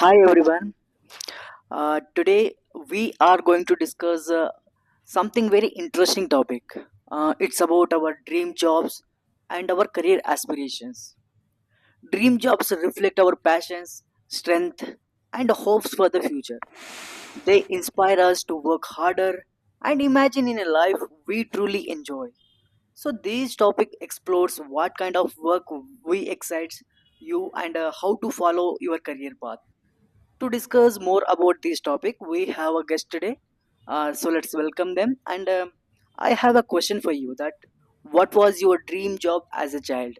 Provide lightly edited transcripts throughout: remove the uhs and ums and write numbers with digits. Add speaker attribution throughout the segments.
Speaker 1: Hi everyone. Today we are going to discuss something very interesting topic. It's about our dream jobs and our career aspirations. Dream jobs reflect our passions, strength, and hopes for the future. They inspire us to work harder and imagine in a life we truly enjoy. So this topic explores what kind of work we excites you and how to follow your career path. To discuss more about this topic, we have a guest today. So let's welcome them. And I have a question for you: that what was your dream job as a child?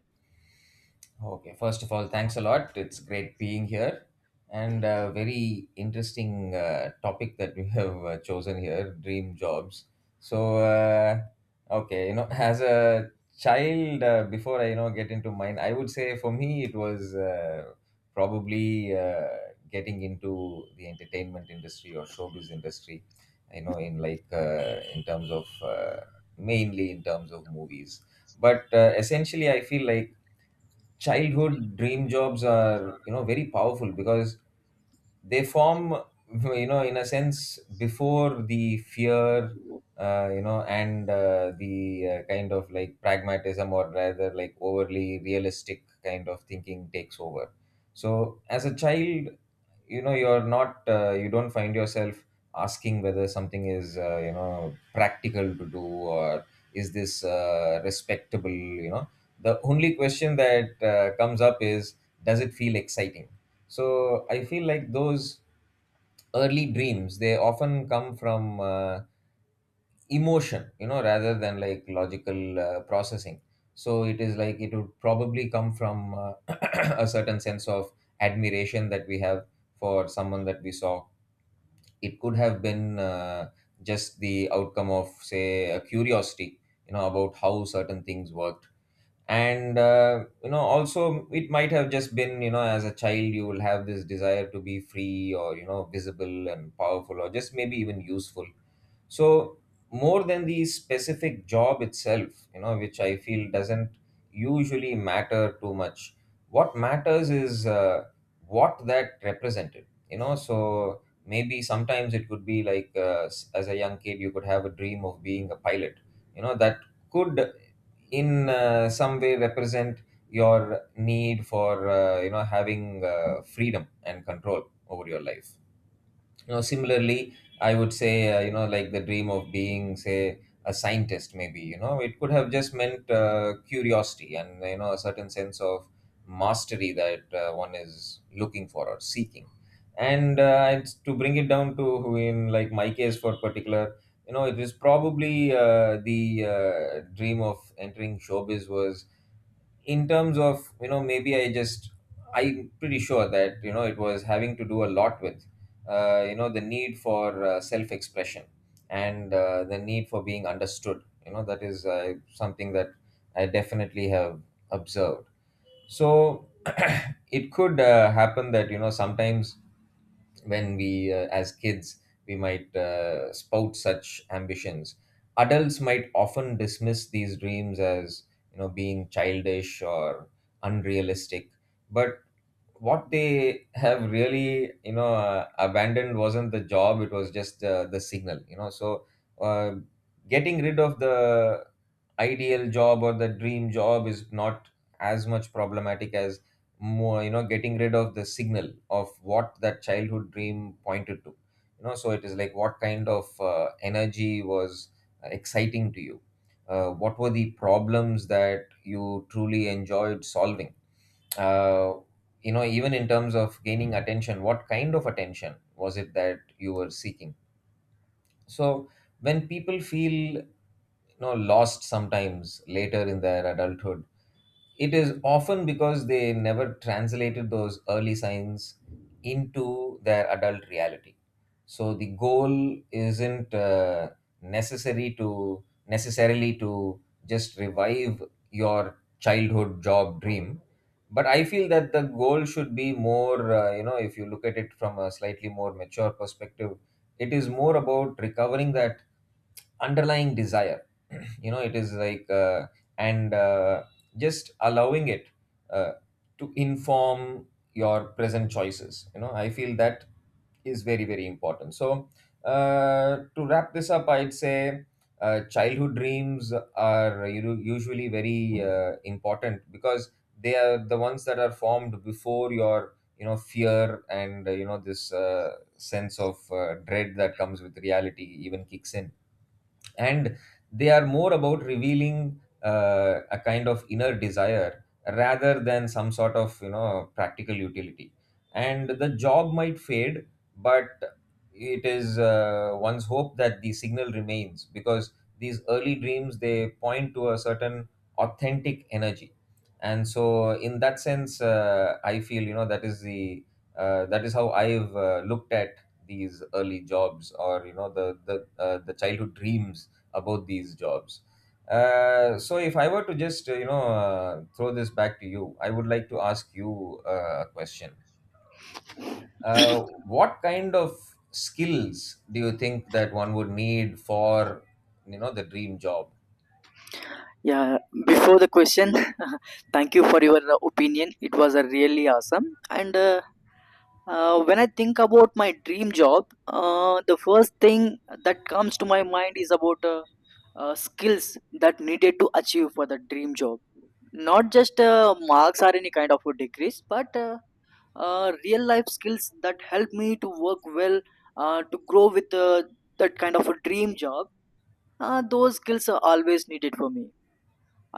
Speaker 2: Okay, first of all, thanks a lot. It's great being here and a very interesting topic that we have chosen here dream jobs. So, uh, as a child, before I get into mine, I would say for me it was probably getting into the entertainment industry or showbiz industry, you know, in terms of mainly in terms of movies. But essentially, I feel like childhood dream jobs are, you know, very powerful because they form, you know, in a sense, before the fear, you know, and the kind of like pragmatism, or rather like overly realistic kind of thinking, takes over. So as a child, you know, you don't find yourself asking whether something is, you know, practical to do, or is this, respectable, you know. The only question that comes up is, does it feel exciting? So I feel like those early dreams, they often come from emotion, you know, rather than like logical processing. So it is like it would probably come from a certain sense of admiration that we have for someone that we saw. It could have been just the outcome of, say, a curiosity, you know, about how certain things worked. And you know, also, it might have just been, you know, as a child, you will have this desire to be free, or, you know, visible and powerful, or just maybe even useful. So more than the specific job itself, you know, which I feel doesn't usually matter too much, what matters is what that represented, you know. So maybe sometimes it could be like, as a young kid, you could have a dream of being a pilot. You know, that could, in some way, represent your need for, you know, having freedom and control over your life. You know, similarly, I would say, you know, like the dream of being, say, a scientist, maybe, you know, it could have just meant curiosity, and, you know, a certain sense of mastery that one is looking for or seeking. And it's, to bring it down to, in like my case for particular, you know, it is probably the dream of entering showbiz was, in terms of, you know, maybe I'm pretty sure that, you know, it was having to do a lot with you know, the need for self expression, and the need for being understood. You know, that is something that I definitely have observed. So it could happen that, you know, sometimes when we, as kids, we might spout such ambitions, adults might often dismiss these dreams as, you know, being childish or unrealistic. But what they have really, you know, abandoned wasn't the job, it was just the signal, you know. So uh, getting rid of the ideal job or the dream job is not as much problematic as, more, you know, getting rid of the signal of what that childhood dream pointed to. You know, so it is like, what kind of energy was exciting to you, what were the problems that you truly enjoyed solving, uh, you know, even in terms of gaining attention, what kind of attention was it that you were seeking? So when people feel, you know, lost sometimes later in their adulthood, it is often because they never translated those early signs into their adult reality. So the goal isn't necessary to necessarily to just revive your childhood job dream. But I feel that the goal should be more, you know, if you look at it from a slightly more mature perspective, it is more about recovering that underlying desire. You know, it is like, and just allowing it uh, to inform your present choices. You know, I feel that is very, very important. So to wrap this up, I'd say childhood dreams are usually very important, because they are the ones that are formed before your, you know, fear and, you know, this, sense of dread that comes with reality even kicks in. And they are more about revealing a kind of inner desire rather than some sort of, you know, practical utility. And the job might fade, but it is, one's hope that the signal remains, because these early dreams, they point to a certain authentic energy. And so, in that sense, I feel, you know, that is how I've looked at these early jobs, or, you know, the childhood dreams about these jobs. So if I were to just, you know, throw this back to you, I would like to ask you a question. Uh, what kind of skills do you think that one would need for, you know, the dream job?
Speaker 1: Yeah. Before the question, thank you for your opinion. It was really awesome. And when I think about my dream job, the first thing that comes to my mind is about skills that needed to achieve for the dream job. Not just marks or any kind of a degrees, but real life skills that help me to work well to grow with that kind of a dream job. Those skills are always needed for me.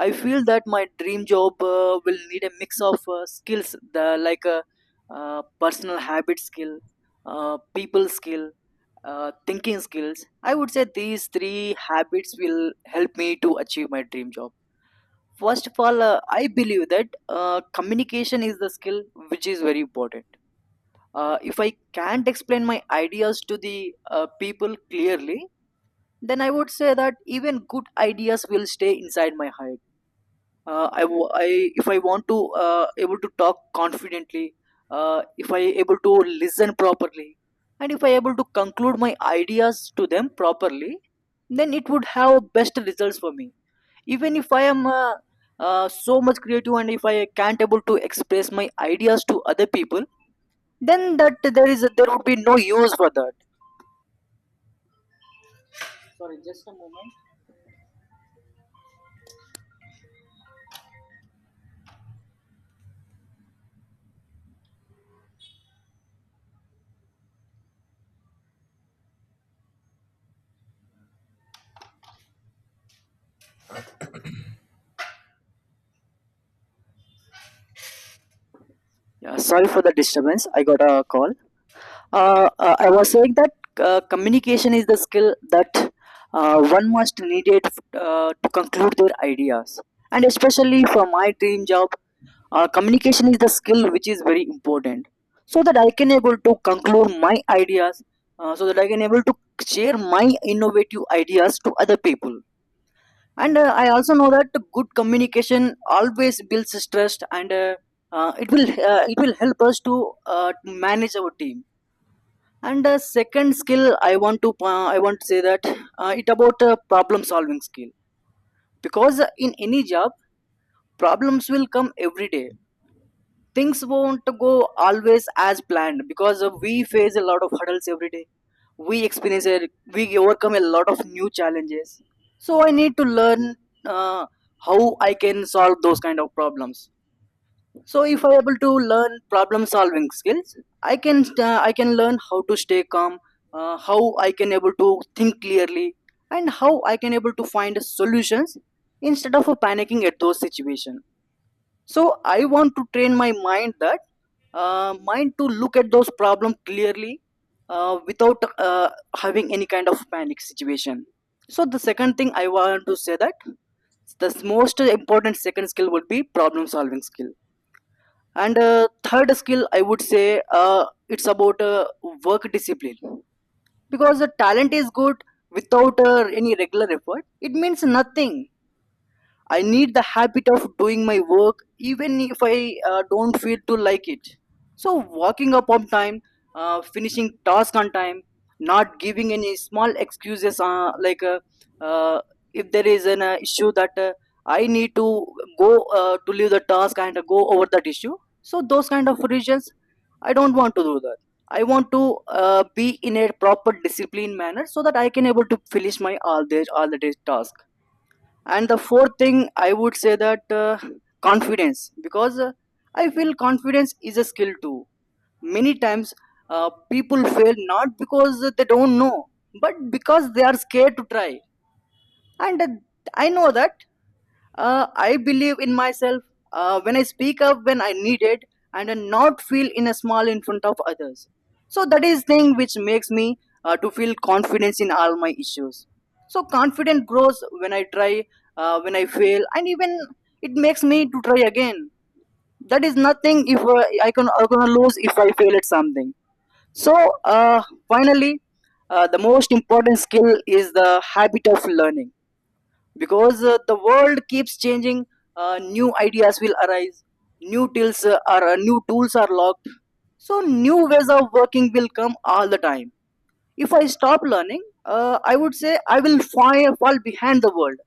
Speaker 1: I feel that my dream job will need a mix of skills the, like personal habit skill, people skill, thinking skills. I would say these three habits will help me to achieve my dream job. First of all, I believe that communication is the skill which is very important. If I can't explain my ideas to the people clearly, then I would say that even good ideas will stay inside my head. I, w- I if I want to able to talk confidently, if I able to listen properly, and if I able to conclude my ideas to them properly, then it would have best results for me. Even if I am so much creative and if I can't able to express my ideas to other people, then that there is there would be no use for that. Sorry, just a moment. Yeah, sorry for the disturbance, I got a call. I was saying that communication is the skill that one must need it to conclude their ideas, and especially for my dream job, communication is the skill which is very important, so that I can able to conclude my ideas, so that I can able to share my innovative ideas to other people. And I also know that good communication always builds trust, and it will help us to uh, manage our team. And second skill I want to I want to say that it about problem solving skill, because in any job problems will come every day. Things won't go always as planned, because we face a lot of hurdles every day. We experience it. We overcome a lot of new challenges. So I need to learn uh, how I can solve those kind of problems. So if I able to learn problem solving skills, I can I can learn how to stay calm, how I can able to think clearly, and how I can able to find solutions, instead of panicking at those situation. So I want to train my mind that mind to look at those problems clearly, without uh, having any kind of panic situation. So the second thing I want to say that the most important second skill would be problem solving skill. And third skill I would say it's about work discipline, because the talent is good, without any regular effort it means nothing. I need the habit of doing my work even if I don't feel to like it. So, walking up on time, finishing task on time, not giving any small excuses like uh, if there is an issue that I need to go to leave the task and go over that issue. So, those kind of reasons, I don't want to do that. I want to be in a proper discipline manner so that I can able to finish my all the day task. And the fourth thing I would say that confidence, because I feel confidence is a skill too. Many times, people fail not because they don't know, but because they are scared to try. And I know that I believe in myself, when I speak up when I need it, and I not feel in a small in front of others. So that is thing which makes me to feel confidence in all my issues. So confidence grows when I try, when I fail, and even it makes me to try again. That is nothing if I can I gonna lose if I fail at something. So finally, the most important skill is the habit of learning, because the world keeps changing. New ideas will arise, new tools are, new tools are locked, so new ways of working will come all the time. If I stop learning, I would say I will fall behind the world.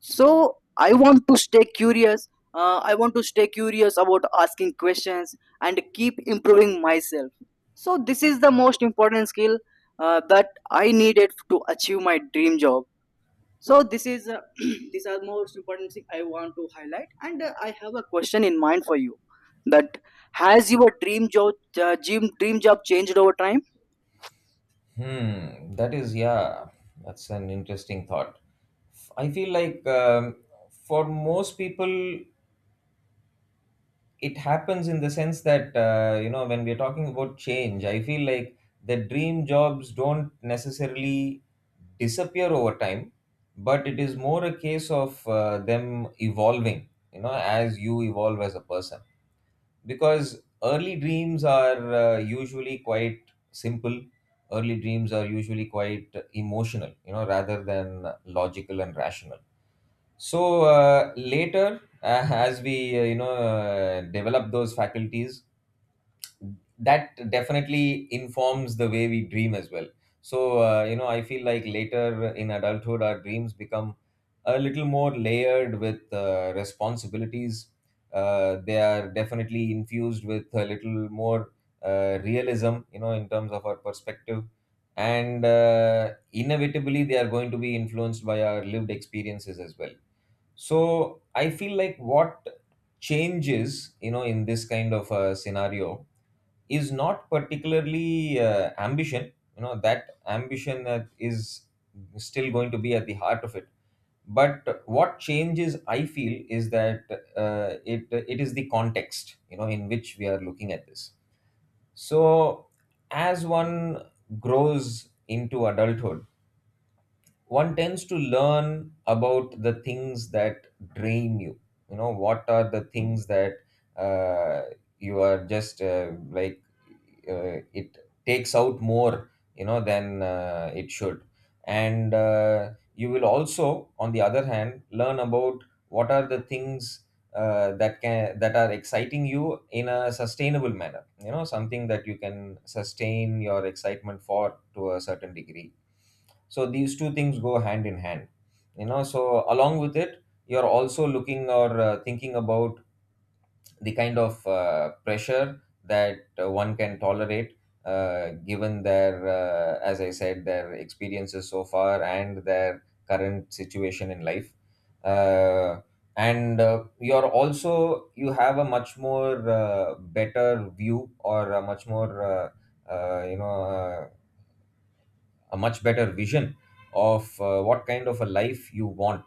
Speaker 1: So I want to stay curious, I want to stay curious about asking questions and keep improving myself. So this is the most important skill that I needed to achieve my dream job. So this is these are most important thing I want to highlight. And I have a question in mind for you, that has your dream job dream job changed over time?
Speaker 2: Hmm, that is, yeah, that's an interesting thought. I feel like, for most people, it happens in the sense that, you know, when we're talking about change, I feel like the dream jobs don't necessarily disappear over time, but it is more a case of them evolving, you know, as you evolve as a person. Because early dreams are usually quite simple. Early dreams are usually quite emotional, you know, rather than logical and rational. So later, as we, you know, develop those faculties, that definitely informs the way we dream as well. So, you know, I feel like later in adulthood, our dreams become a little more layered with responsibilities. They are definitely infused with a little more realism, you know, in terms of our perspective, and inevitably they are going to be influenced by our lived experiences as well. So I feel like what changes, you know, in this kind of a scenario is not particularly ambition. You know, that ambition that is still going to be at the heart of it. But what changes, I feel, is that it is the context, you know, in which we are looking at this. So as one grows into adulthood, one tends to learn about the things that drain you. You know, what are the things that, uh, you are just, it takes out more, you know, than it should. And you will also, on the other hand, learn about what are the things that are exciting you in a sustainable manner, you know, something that you can sustain your excitement for to a certain degree. So these two things go hand in hand. You know, so along with it, you're also looking, or thinking about the kind of pressure that one can tolerate, given their, as I said, their experiences so far, and their current situation in life. Uh, and you're also, you have a much more better view, or a much more, you know, a much better vision of what kind of a life you want,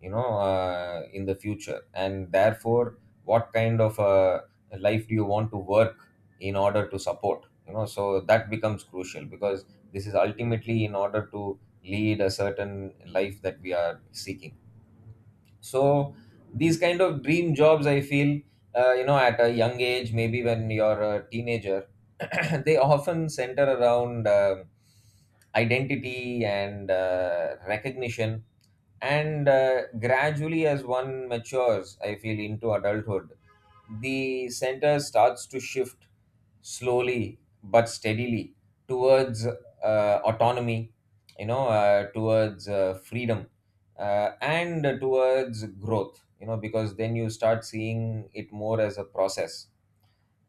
Speaker 2: you know, in the future, and therefore what kind of a life do you want to work in order to support, you know. So that becomes crucial, because this is ultimately in order to lead a certain life that we are seeking. So these kind of dream jobs, I feel, you know, at a young age, maybe when you're a teenager, they often center around identity and recognition. And gradually, as one matures, I feel, into adulthood, the center starts to shift, slowly but steadily, towards autonomy, you know, towards freedom, and towards growth. You know, because then you start seeing it more as a process.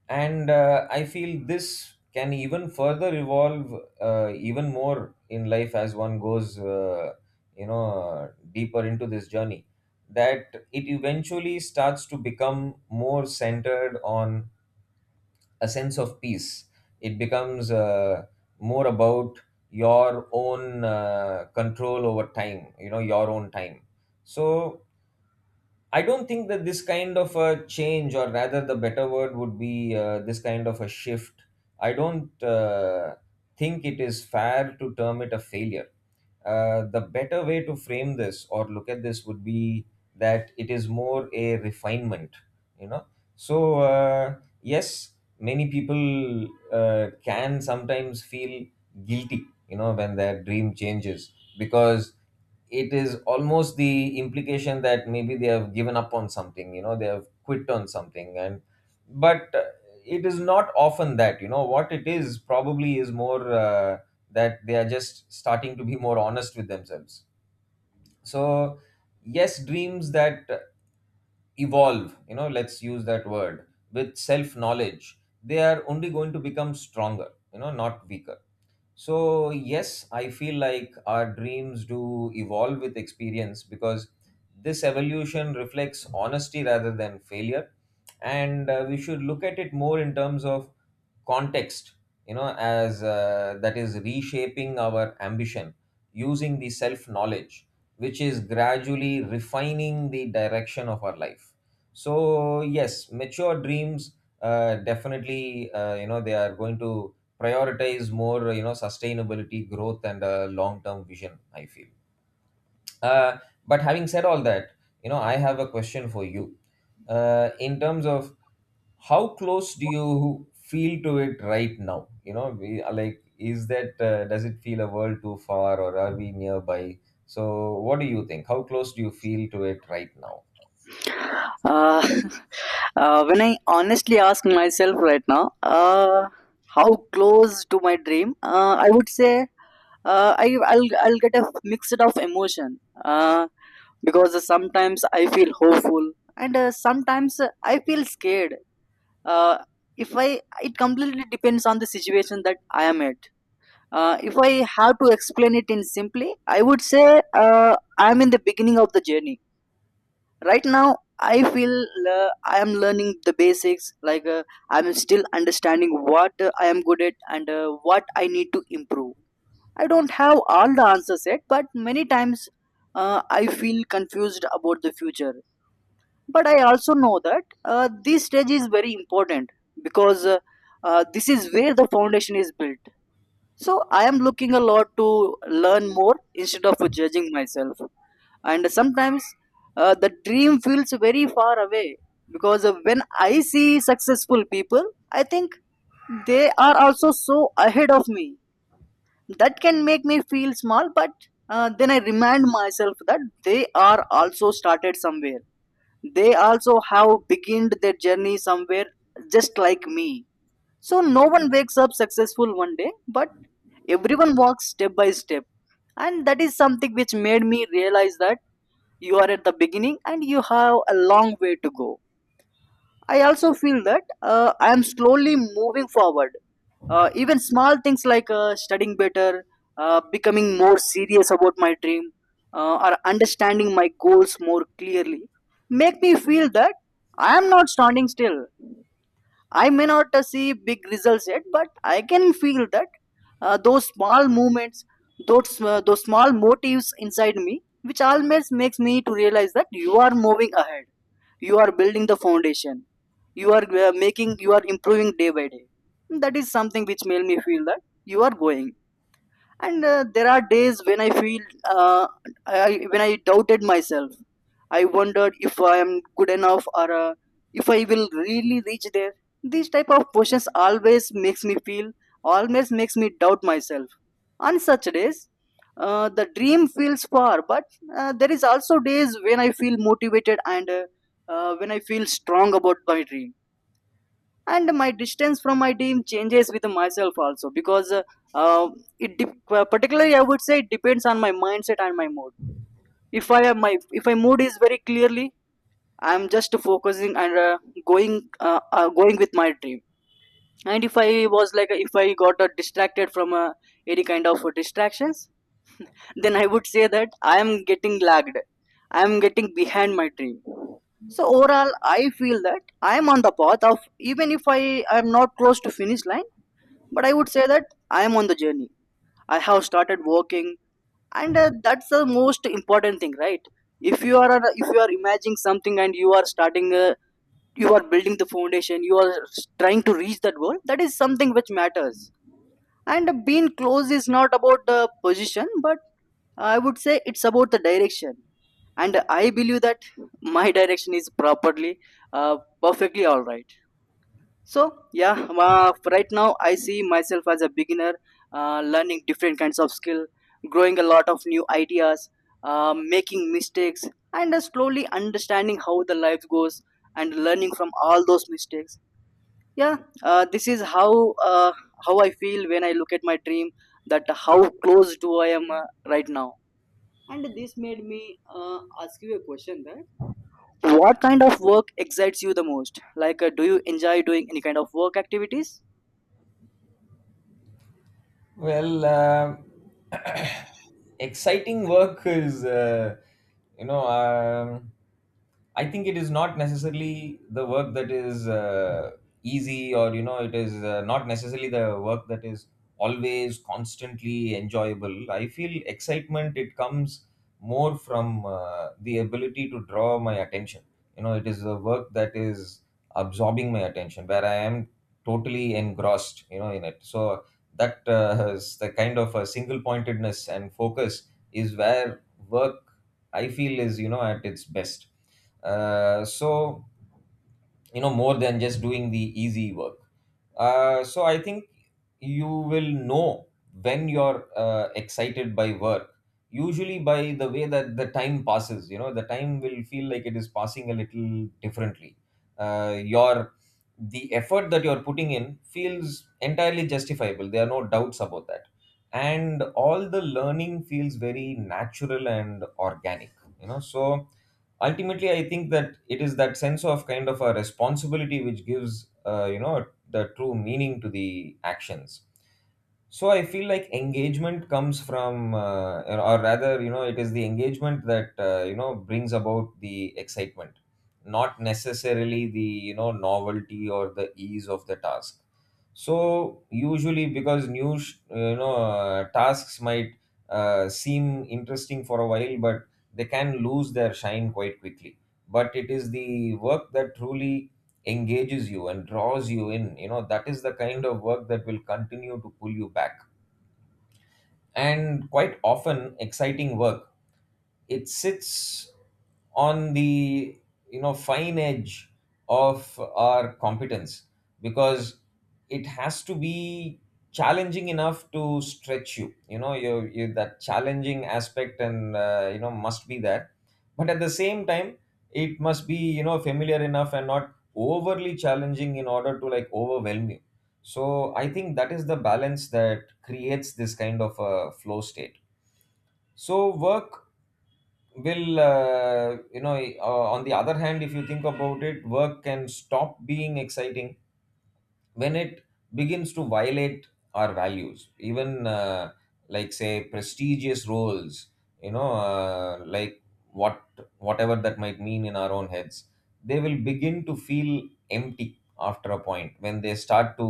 Speaker 2: And I feel this can even further evolve, even more in life, as one goes, you know, deeper into this journey, that it eventually starts to become more centered on a sense of peace. It becomes, more about your own control over time, you know, your own time. So I don't think that this kind of a change, or rather, the better word would be this kind of a shift. I don't think it is fair to term it a failure. The better way to frame this or look at this would be that it is more a refinement, you know. So, uh, yes, many people can sometimes feel guilty, you know, when their dream changes because it is almost the implication that maybe they have given up on something, you know, they have quit on something. And but It is not often that, you know, what it is probably is more that they are just starting to be more honest with themselves. So yes, dreams that evolve, you know, let's use that word, with self knowledge, they are only going to become stronger, you know, not weaker. So, yes, I feel like our dreams do evolve with experience because this evolution reflects honesty rather than failure. And we should look at it more in terms of context, you know, as that is reshaping our ambition, using the self knowledge, which is gradually refining the direction of our life. So yes, mature dreams definitely you know, they are going to prioritize more, you know, sustainability, growth, and long term vision, I feel. uh, but having said all that, you know, I have a question for you in terms of how close do you feel to it right now. You know, we are like, is that does it feel a world too far or are we nearby? So what do you think, how close do you feel to it right now?
Speaker 1: uh, when I honestly ask myself right now, how close to my dream, I would say I'll get a mixed of emotion, uh, because sometimes I feel hopeful and sometimes I feel scared. uh, if I, it completely depends on the situation that I am at. If I have to explain it in simply, I would say uh, I am in the beginning of the journey right now. I feel uh, I am learning the basics, like I am still understanding what I am good at and what I need to improve. I don't have all the answers yet, but many times I feel confused about the future. But I also know that this stage is very important, because this is where the foundation is built. So I am looking a lot to learn more instead of judging myself. And sometimes the dream feels very far away, because when I see successful people, I think they are also so ahead of me, that can make me feel small. But then I remind myself that they are also started somewhere, they also have beginned their journey somewhere, just like me. So no one wakes up successful one day, but everyone walks step by step. And that is something which made me realize that you are at the beginning and you have a long way to go. I also feel that I am slowly moving forward. Even small things like studying better, becoming more serious about my dream, or understanding my goals more clearly make me feel that I am not standing still. I may not see big results yet, but I can feel that those small movements, those small motives inside me, which always makes me to realize that you are moving ahead, you are building the foundation, you are you are improving day by day. That is something which made me feel that you are going. And there are days when I feel uh, when I doubted myself, I wondered if I am good enough or if I will really reach there. These type of questions always makes me feel, always makes me doubt myself. On such days the dream feels far, but there is also days when I feel motivated and when I feel strong about my dream. And my distance from my team changes with myself also, because uh, particularly I would say it depends on my mindset and my mood. If I am my, if my mood is very clearly, I am just focusing and going with my dream. And if I was like, if I got distracted from any kind of distractions, then I would say that I am getting lagged, I am getting behind my dream. So overall I feel that I am on the path of, even if I am not close to finish line. But I would say that I am on the journey. I have started working, and that's the most important thing, right? If you are imagining something and you are starting, you are building the foundation. You are trying to reach that goal. That is something which matters. And being close is not about the position, but I would say it's about the direction. And I believe that my direction is properly, perfectly all right so yeah, right now I see myself as a beginner, learning different kinds of skill, growing a lot of new ideas, making mistakes, and slowly understanding how the life goes and learning from all those mistakes. Yeah, this is uh, how I feel when I look at my dream. That how close do I am right now. And this made me ask you a question that what kind of work excites you the most? Like, do you enjoy doing any kind of work activities?
Speaker 2: Well, exciting work is, you know, I think it is not necessarily the work that is easy, or, you know, it is not necessarily the work that is always constantly enjoyable. I feel excitement, it comes more from the ability to draw my attention. You know, it is the work that is absorbing my attention, where I am totally engrossed, you know, in it. So, that has the kind of a single pointedness and focus, is where work I feel is, you know, at its best. So you know, more than just doing the easy work. So I think you will know when you're excited by work, usually by the way that the time passes. You know, the time will feel like it is passing a little differently. Your, the effort that you're putting in feels entirely justifiable, there are no doubts about that. And all the learning feels very natural and organic, you know. So ultimately I think that it is that sense of kind of a responsibility which gives, you know, the true meaning to the actions. So I feel like engagement comes from, or rather, you know, it is the engagement that, you know, brings about the excitement, not necessarily the, you know, novelty or the ease of the task. So usually, because you know, tasks might seem interesting for a while, but they can lose their shine quite quickly. But it is the work that truly engages you and draws you in, you know, that is the kind of work that will continue to pull you back. And quite often exciting work, it sits on the, you know, fine edge of our competence, because it has to be challenging enough to stretch you. You know, you that challenging aspect, and you know, must be there, but at the same time it must be, you know, familiar enough and not overly challenging in order to like overwhelm you. So I think that is the balance that creates this kind of a flow state. So work will, you know, on the other hand, if you think about it, work can stop being exciting when it begins to violate our values. Even like, say, prestigious roles, you know, like what whatever that might mean in our own heads, they will begin to feel empty after a point, when they start to,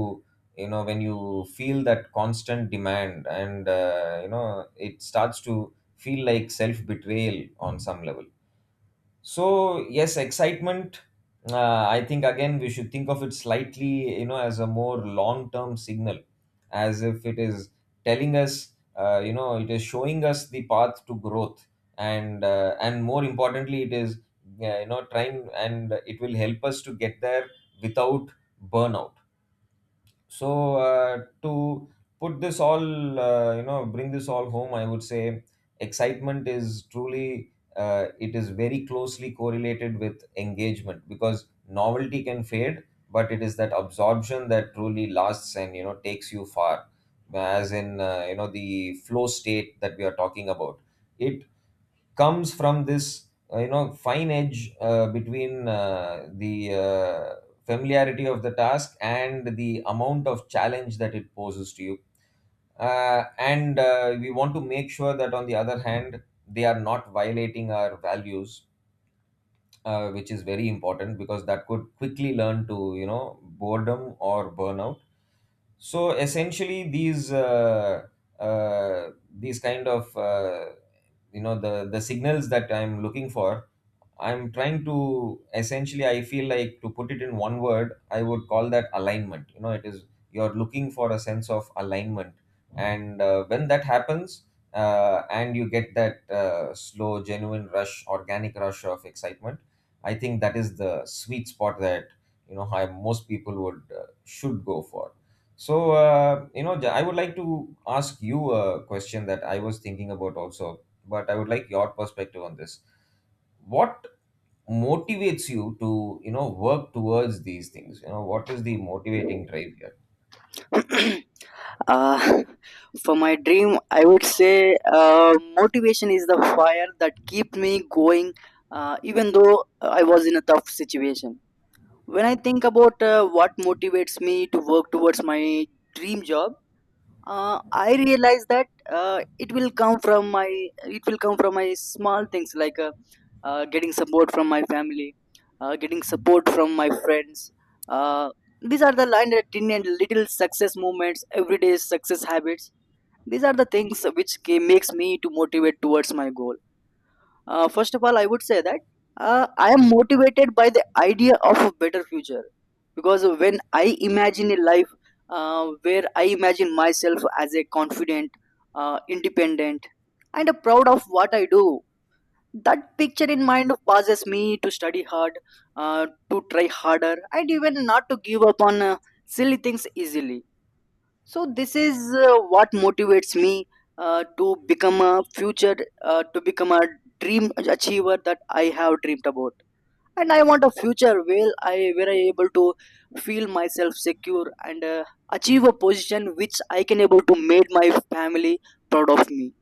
Speaker 2: you know, when you feel that constant demand and, you know, it starts to feel like self betrayal on some level. So yes, excitement. I think again we should think of it slightly, you know, as a more long-term signal, as if it is telling us, you know, it is showing us the path to growth, and more importantly, it is, you know, trying, and it will help us to get there without burnout. So to put this all, you know, bring this all home, I would say excitement is truly, it is very closely correlated with engagement, because novelty can fade, but it is that absorption that truly lasts and, you know, takes you far. As in, you know, the flow state that we are talking about, it comes from this, you know, fine edge between the familiarity of the task and the amount of challenge that it poses to you. And We want to make sure that, on the other hand, they are not violating our values, which is very important, because that could quickly learn to, you know, boredom or burnout. So essentially these, uh, these kind of, you know, the signals that I'm looking for, I'm trying to essentially, I feel like, to put it in one word, I would call that alignment. You know, it is, you're looking for a sense of alignment, and when that happens, and you get that slow, genuine rush, organic rush of excitement, I think that is the sweet spot that, you know, how most people would should go for. So you know, I would like to ask you a question that I was thinking about also, but I would like your perspective on this. What motivates you to, you know, work towards these things? You know, what is the motivating drive here?
Speaker 1: uh, for my dream I would say uh, motivation is the fire that keep me going even though I was in a tough situation when I think about what motivates me to work towards my dream job I realize that it will come from my it will come from my small things like getting support from my family getting support from my friends uh, these are the line that tin and little success moments everyday success habits these are the things which makes me to motivate towards my goal first of all, I would say that I am motivated by the idea of a better future because when I imagine a life where I imagine myself as a confident, independent, and a proud of what I do, that picture in mind causes me to study hard, to try harder, and even not to give up on silly things easily so this is what motivates me to become a future, to become a dream achiever that I have dreamed about. And I want a future where I able to feel myself secure and achieve a position which I can able to make my family proud of me.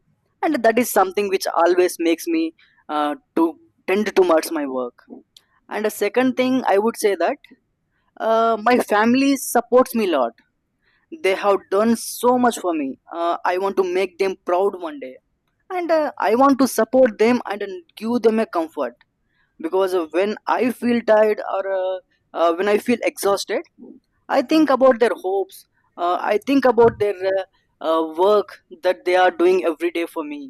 Speaker 1: And that is something which always makes me to tend towards my work. And a second thing I would say that my family supports me a lot. They have done so much for me. I want to make them proud one day and I want to support them and give them a comfort because when I feel tired or when I feel exhausted I think about their hopes, I think about their work that they are doing every day for me,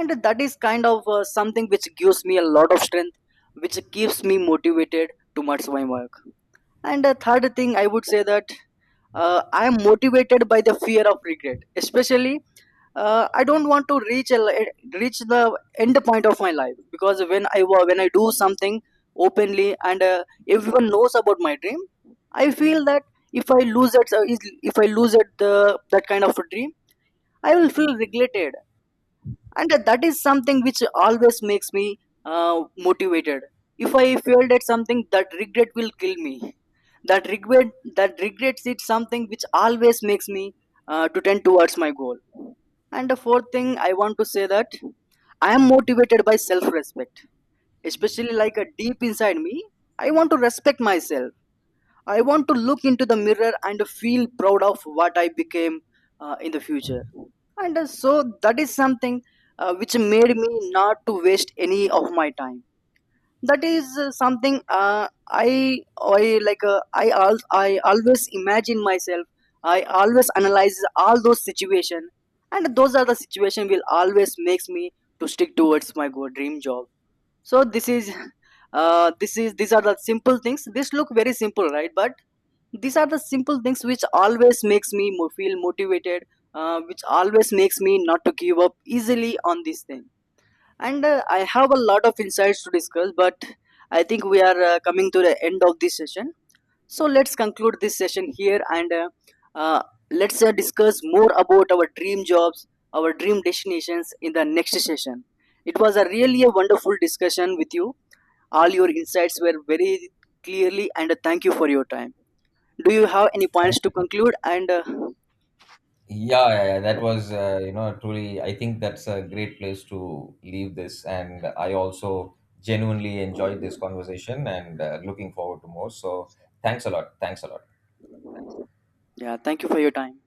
Speaker 1: and that is kind of something which gives me a lot of strength, which keeps me motivated towards my work. And the third thing I would say that I am motivated by the fear of regret. Especially, I don't want to reach a, reach the end point of my life because when I when I do something openly and everyone knows about my dream, I feel that if I lose it, if I lose that the that kind of a dream, I will feel regretted, and that is something which always makes me uh, motivated. If I failed at something, that regret will kill me. That regret, that regrets is something which always makes me to tend towards my goal. And the fourth thing I want to say that I am motivated by self respect, especially like a deep inside me I want to respect myself. I want to look into the mirror and feel proud of what I became in the future. And so that is something which made me not to waste any of my time. That is something I like. I I always imagine myself. I always analyze all those situations, and those are the situation will always makes me to stick towards my go dream job. So this is. This is these are the simple things. This look very simple, right? But these are the simple things which always makes me feel motivated, which always makes me not to give up easily on this thing, and I have a lot of insights to discuss but I think we are coming to the end of this session. So let's conclude this session here and uh, let's discuss more about our dream jobs, our dream destinations in the next session. It was a really a wonderful discussion with you. All your insights were very clearly, and thank you for your time. Do you have any points
Speaker 2: Thank
Speaker 1: to
Speaker 2: you.
Speaker 1: conclude and
Speaker 2: Yeah, yeah, yeah, that was, you know, truly, I think that's a great place to leave this, and I also genuinely enjoyed this conversation, and looking forward to more. So thanks a lot, thanks a lot.
Speaker 1: yeah, thank you for your time.